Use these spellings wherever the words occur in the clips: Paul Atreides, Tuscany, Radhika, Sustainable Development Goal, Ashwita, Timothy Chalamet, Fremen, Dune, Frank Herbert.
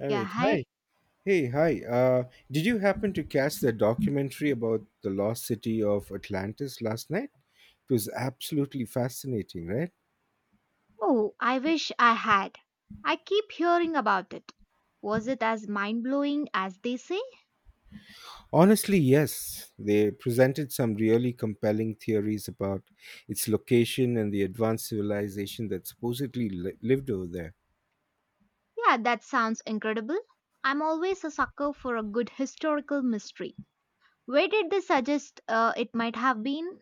All Yeah, right. Hi. hi. Hey, hi. Did you happen to catch the documentary about the lost city of Atlantis last night? It was absolutely fascinating, right? Oh, I wish I had. I keep hearing about it. Was it as mind blowing as they say? Honestly, yes. They presented some really compelling theories about its location and the advanced civilization that supposedly lived over there. Yeah, that sounds incredible. I'm always a sucker for a good historical mystery. Where did they suggest it might have been?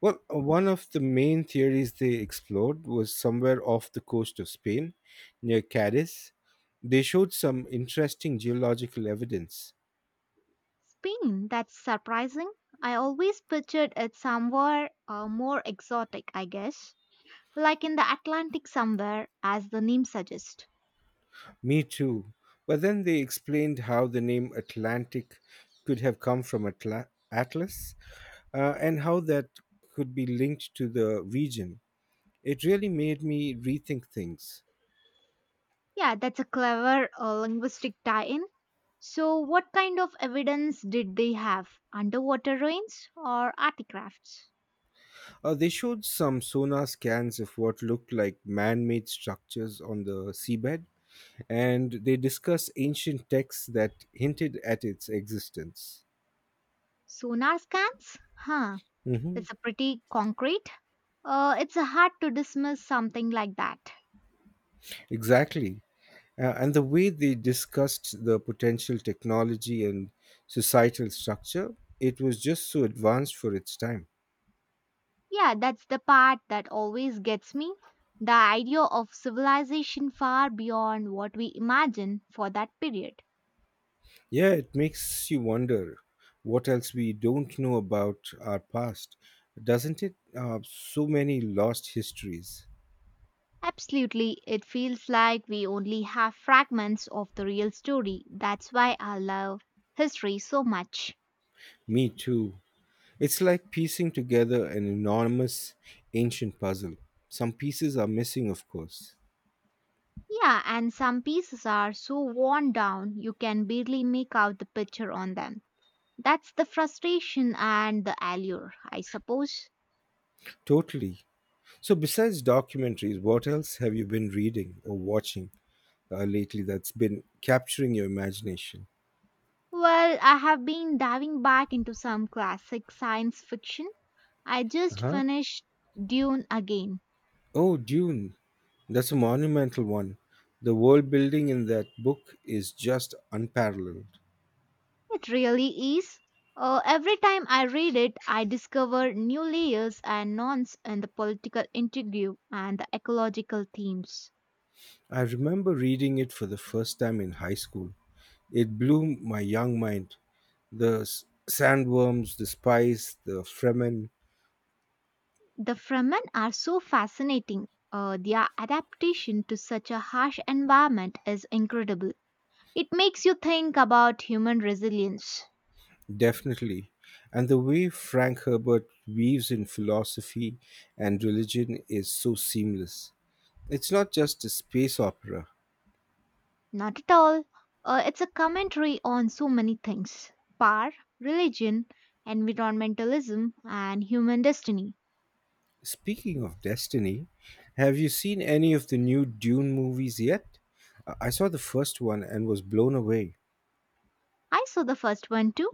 One of the main theories they explored was somewhere off the coast of Spain, near Cadiz. They showed some interesting geological evidence. Spain, that's surprising. I always pictured it somewhere more exotic, I guess. Like in the Atlantic somewhere, as the name suggests. Me too. But then they explained how the name Atlantic could have come from Atlas, and how that could be linked to the region. It really made me rethink things. Yeah, that's a clever linguistic tie in. So, what kind of evidence did they have? Underwater ruins or artifacts? They showed some sonar scans of what looked like man made structures on the seabed, and they discussed ancient texts that hinted at its existence. Sonar scans? Huh, Mhm. that's a pretty concrete. It's a hard to dismiss something like that. Exactly. And the way they discussed the potential technology and societal structure, it was just so advanced for its time. Yeah, that's the part that always gets me. The idea of civilization far beyond what we imagine for that period. Yeah, it makes you wonder what else we don't know about our past, doesn't it? So many lost histories. Absolutely, it feels like we only have fragments of the real story. That's why I love history so much. Me too. It's like piecing together an enormous ancient puzzle. Some pieces are missing, of course. Yeah, and some pieces are so worn down you can barely make out the picture on them. That's the frustration and the allure, I suppose. Totally. So, besides documentaries, what else have you been reading or watching lately that's been capturing your imagination? Well, I have been diving back into some classic science fiction. I Uh just huh? finished Dune again. Oh, Dune. That's a monumental one. The world building in that book is just unparalleled. It really is. Every time I read it, I discover new layers and nonce in the political intrigue and the ecological themes. I remember reading it for the first time in high school. It blew my young mind. The sandworms, the spice, the fremen, The Fremen are so fascinating. Their adaptation to such a harsh environment is incredible. It makes you think about human resilience. definitely. And the way Frank Herbert weaves in philosophy and religion is so seamless. It's not just a space opera. Not at all. It's a commentary on so many things: power, religion, environmentalism, and human destiny. Speaking of Destiny, have you seen any of the new Dune movies yet? I saw the first one and was blown away. I saw the first one too.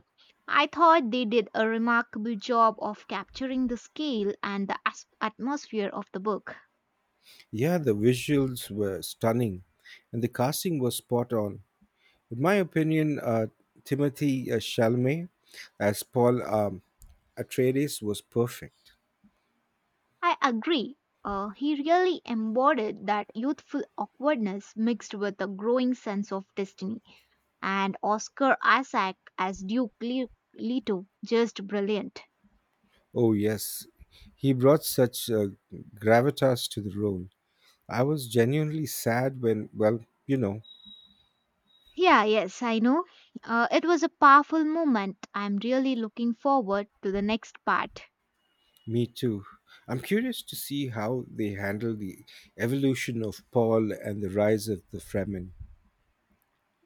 I thought they did a remarkable job of capturing the scale and the atmosphere of the book. Yeah, the visuals were stunning and the casting was spot on. In my opinion, Timothy Chalamet as Paul Atreides was perfect. I agree. He really embodied that youthful awkwardness mixed with a growing sense of destiny. And Oscar Isaac as Duke Leto, just brilliant. Oh, yes, he brought such gravitas to the role. I was genuinely sad when, well, you know. Yeah, yes, I know. It was a powerful moment. I'm really looking forward to the next part. Me too. I'm curious to see how they handle the evolution of Paul and the rise of the Fremen.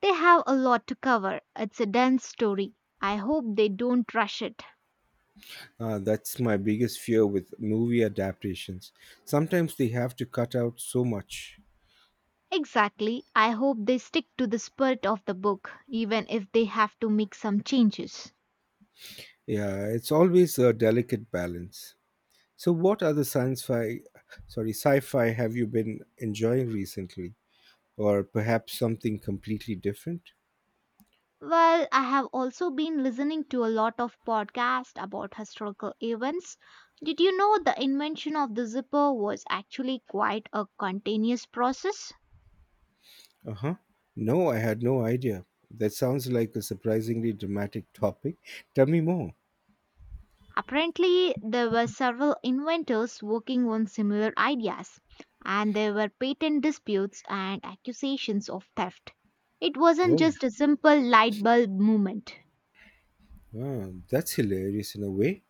They have a lot to cover. It's a dense story. I hope they don't rush it. That's my biggest fear with movie adaptations. Sometimes they have to cut out so much. Exactly. I hope they stick to the spirit of the book, even if they have to make some changes. Yeah, it's always a delicate balance. So, what other sci-fi have you been enjoying recently, or perhaps something completely different? Well, I have also been listening to a lot of podcasts about historical events. Did you know the invention of the zipper was actually quite a continuous process? Uh huh. No, I had no idea. That sounds like a surprisingly dramatic topic. Tell me more. Apparently, there were several inventors working on similar ideas, and there were patent disputes and accusations of theft. It wasn't Oh, just a simple light bulb movement. ah, that's hilarious in a way.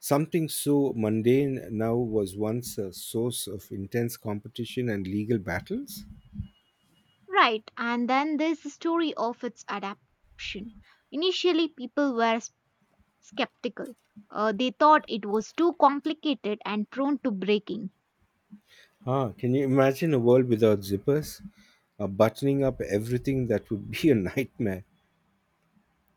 Something so mundane now was once a source of intense competition and legal battles. Right, and then there's the story of its adaptation. Initially, people were skeptical. They thought it was too complicated and prone to breaking. Ah, can you imagine a world without zippers? Buttoning up everything, that would be a nightmare.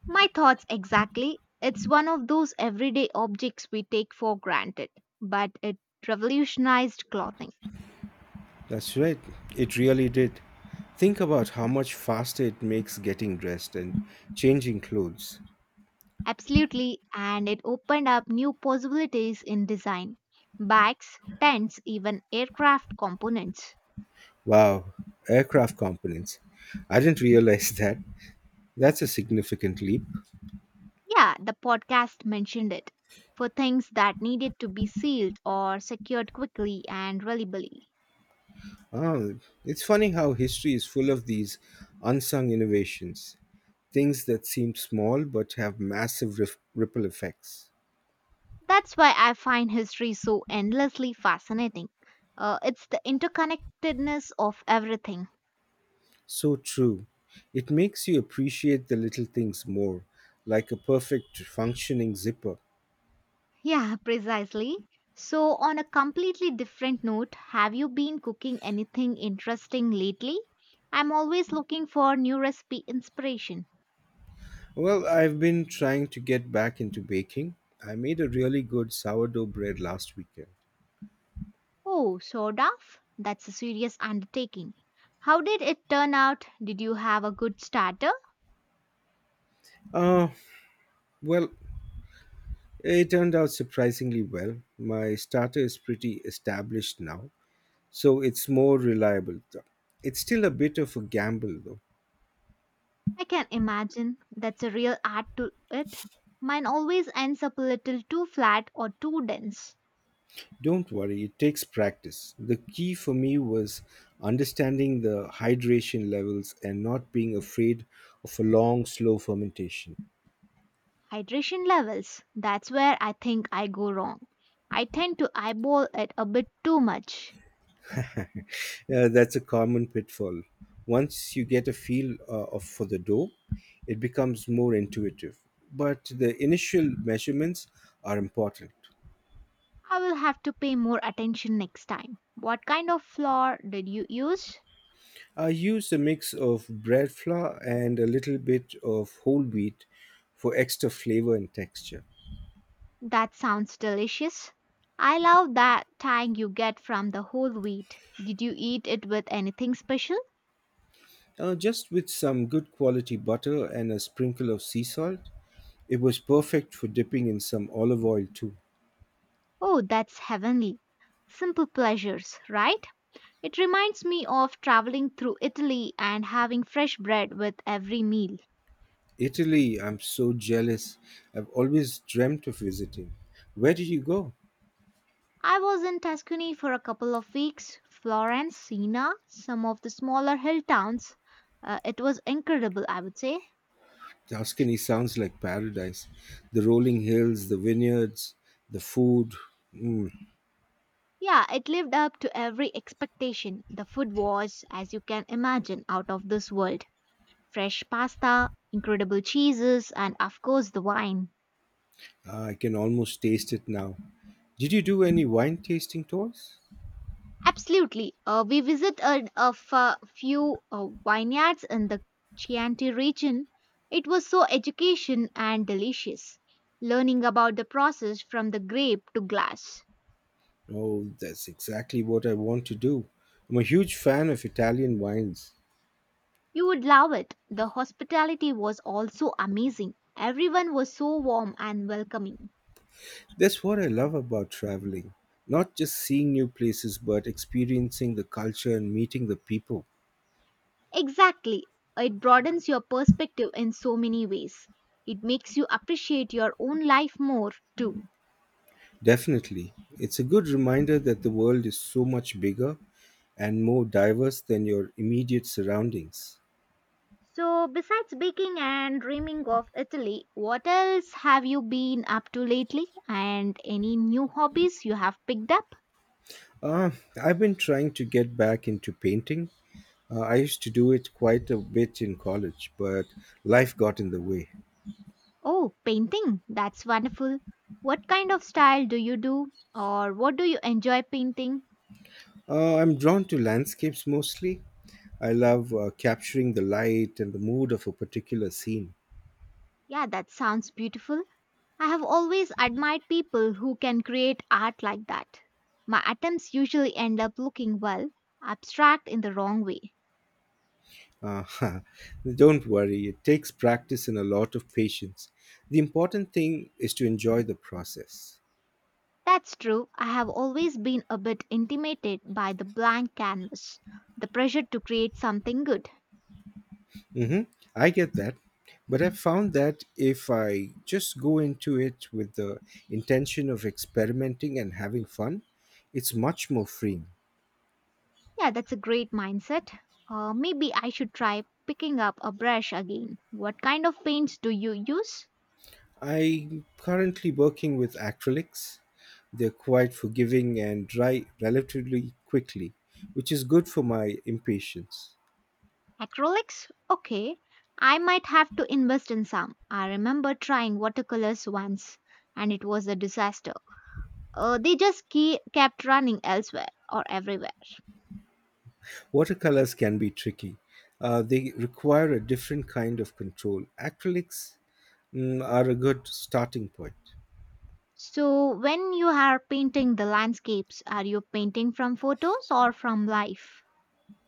My thoughts exactly. It's one of those everyday objects we take for granted, but it revolutionized clothing. That's right, it really did. Think about how much faster it makes getting dressed and changing clothes. Absolutely, and it opened up new possibilities in design. Bags, tents, even aircraft components. Wow, aircraft components. I didn't realize that. That's a significant leap. Yeah, the podcast mentioned it. For things that needed to be sealed or secured quickly and reliably. Ah, it's funny how history is full of these unsung innovations, things that seem small but have massive ripple effects. That's why I find history so endlessly fascinating. It's the interconnectedness of everything. So true. It makes you appreciate the little things more, like a perfect functioning zipper. Yeah, precisely. So, on a completely different note, have you been cooking anything interesting lately? I'm always looking for new recipe inspiration. Well, I've been trying to get back into baking. I made a really good sourdough bread last weekend. Oh, sort of? That's a serious undertaking. How did it turn out? Did you have a good starter? Uh, well, it turned out surprisingly well. My starter is pretty established now, so it's more reliable. It's still a bit of a gamble though. I can imagine that's a real art to it. Mine always ends up a little too flat or too dense. Don't worry, it takes practice. The key for me was understanding the hydration levels and not being afraid of a long, slow fermentation. Hydration levels, that's where I think I go wrong. I tend to eyeball it a bit too much. That's a common pitfall. Once you get a feel for the dough, it becomes more intuitive. But the initial measurements are important. I will have to pay more attention next time. What kind of flour did you use? I use a mix of bread flour and a little bit of whole wheat for extra flavor and texture. That sounds delicious. I love that tang you get from the whole wheat. Did you eat it with anything special? Just with some good quality butter and a sprinkle of sea salt, it was perfect for dipping in some olive oil too. Oh, that's heavenly. Simple pleasures, right? It reminds me of traveling through Italy and having fresh bread with every meal. Italy, I'm so jealous. I've always dreamt of visiting. Where did you go? I was in Tuscany for a couple of weeks: Florence, Siena, some of the smaller hill towns. It was incredible, I would say. Tuscany sounds like paradise. The rolling hills, the vineyards, the food. Mm, Yeah, it lived up to every expectation. The food was, as you can imagine, out of this world. Fresh pasta, incredible cheeses, and of course the wine. Ah, I can almost taste it now. Did you do any wine tasting tours? Absolutely. We visited a few vineyards in the Chianti region. It was so education and delicious. Learning about the process from the grape to glass. Oh, that's exactly what I want to do. I'm a huge fan of Italian wines. You would love it. The hospitality was also amazing. Everyone was so warm and welcoming. That's what I love about traveling. Not just seeing new places, but experiencing the culture and meeting the people. Exactly. It broadens your perspective in so many ways. It makes you appreciate your own life more, too. Definitely. It's a good reminder that the world is so much bigger and more diverse than your immediate surroundings. So, besides baking and dreaming of Italy, what else have you been up to lately? And any new hobbies you have picked up? Uh, I've been trying to get back into painting. I used to do it quite a bit in college, but life got in the way. Oh, painting. That's wonderful. What kind of style do you do? Or what do you enjoy painting? I'm drawn to landscapes mostly. I love capturing the light and the mood of a particular scene. Yeah, that sounds beautiful. I have always admired people who can create art like that. My attempts usually end up looking, well, abstract in the wrong way. Uh, don't worry, it takes practice and a lot of patience. The important thing is to enjoy the process. That's true. I have always been a bit intimidated by the blank canvas, the pressure to create something good. hmm I get that. But I've found that if I just go into it with the intention of experimenting and having fun, it's much more freeing. Yeah, that's a great mindset. Maybe I should try picking up a brush again. What kind of paints do you use? I'm currently working with acrylics. They're quite forgiving and dry relatively quickly, which is good for my impatience. Acrylics? Okay. I might have to invest in some. I remember trying watercolors once and it was a disaster. They just kept running elsewhere or everywhere. Watercolors can be tricky. They require a different kind of control. Acrylics are a good starting point. So, when you are painting the landscapes, are you painting from photos or from life?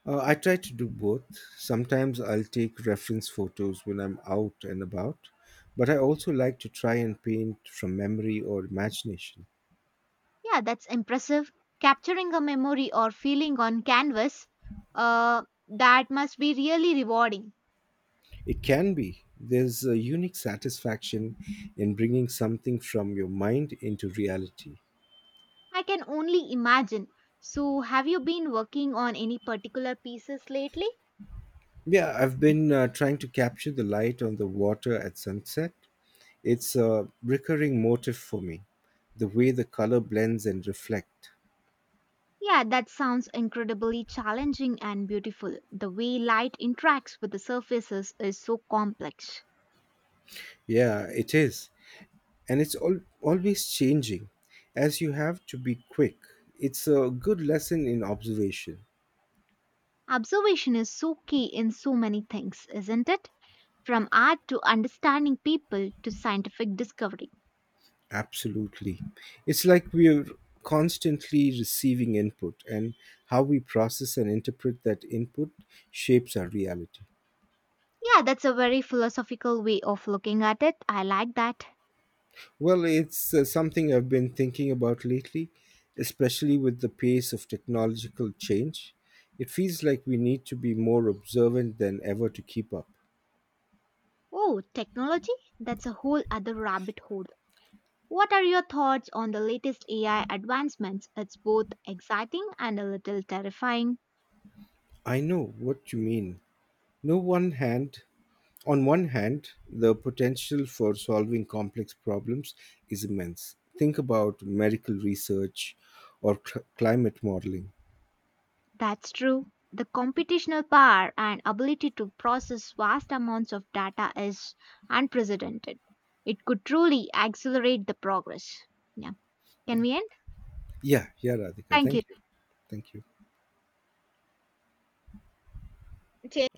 I try to do both. Sometimes I'll take reference photos when I'm out and about, but I also like to try and paint from memory or imagination. Yeah, that's impressive. Capturing a memory or feeling on canvas, uh, that must be really rewarding. It can be. There's a unique satisfaction in bringing something from your mind into reality. I can only imagine. So, have you been working on any particular pieces lately? Yeah, I've been trying to capture the light on the water at sunset. It's a recurring motif for me, the way the color blends and reflect. Yeah, that sounds incredibly challenging and beautiful. The way light interacts with the surfaces is so complex. Yeah, it is. And it's always changing, as you have to be quick. It's a good lesson in observation. Observation is so key in so many things, isn't it? From art to understanding people to scientific discovery. Absolutely. It's like we're constantly receiving input, and how we process and interpret that input shapes our reality. Yeah, that's a very philosophical way of looking at it. I like that. Well, it's something I've been thinking about lately, especially with the pace of technological change. It feels like we need to be more observant than ever to keep up. Oh, technology? That's a whole other rabbit hole. What are your thoughts on the latest AI advancements? It's both exciting and a little terrifying. I know what you mean. No one hand On one hand, the potential for solving complex problems is immense. Think about medical research or climate modeling. That's true. The computational power and ability to process vast amounts of data is unprecedented. It could truly accelerate the progress. Yeah. Can Yeah. we end? Yeah, Radhika. Thank you. Thank you. Thank you. J-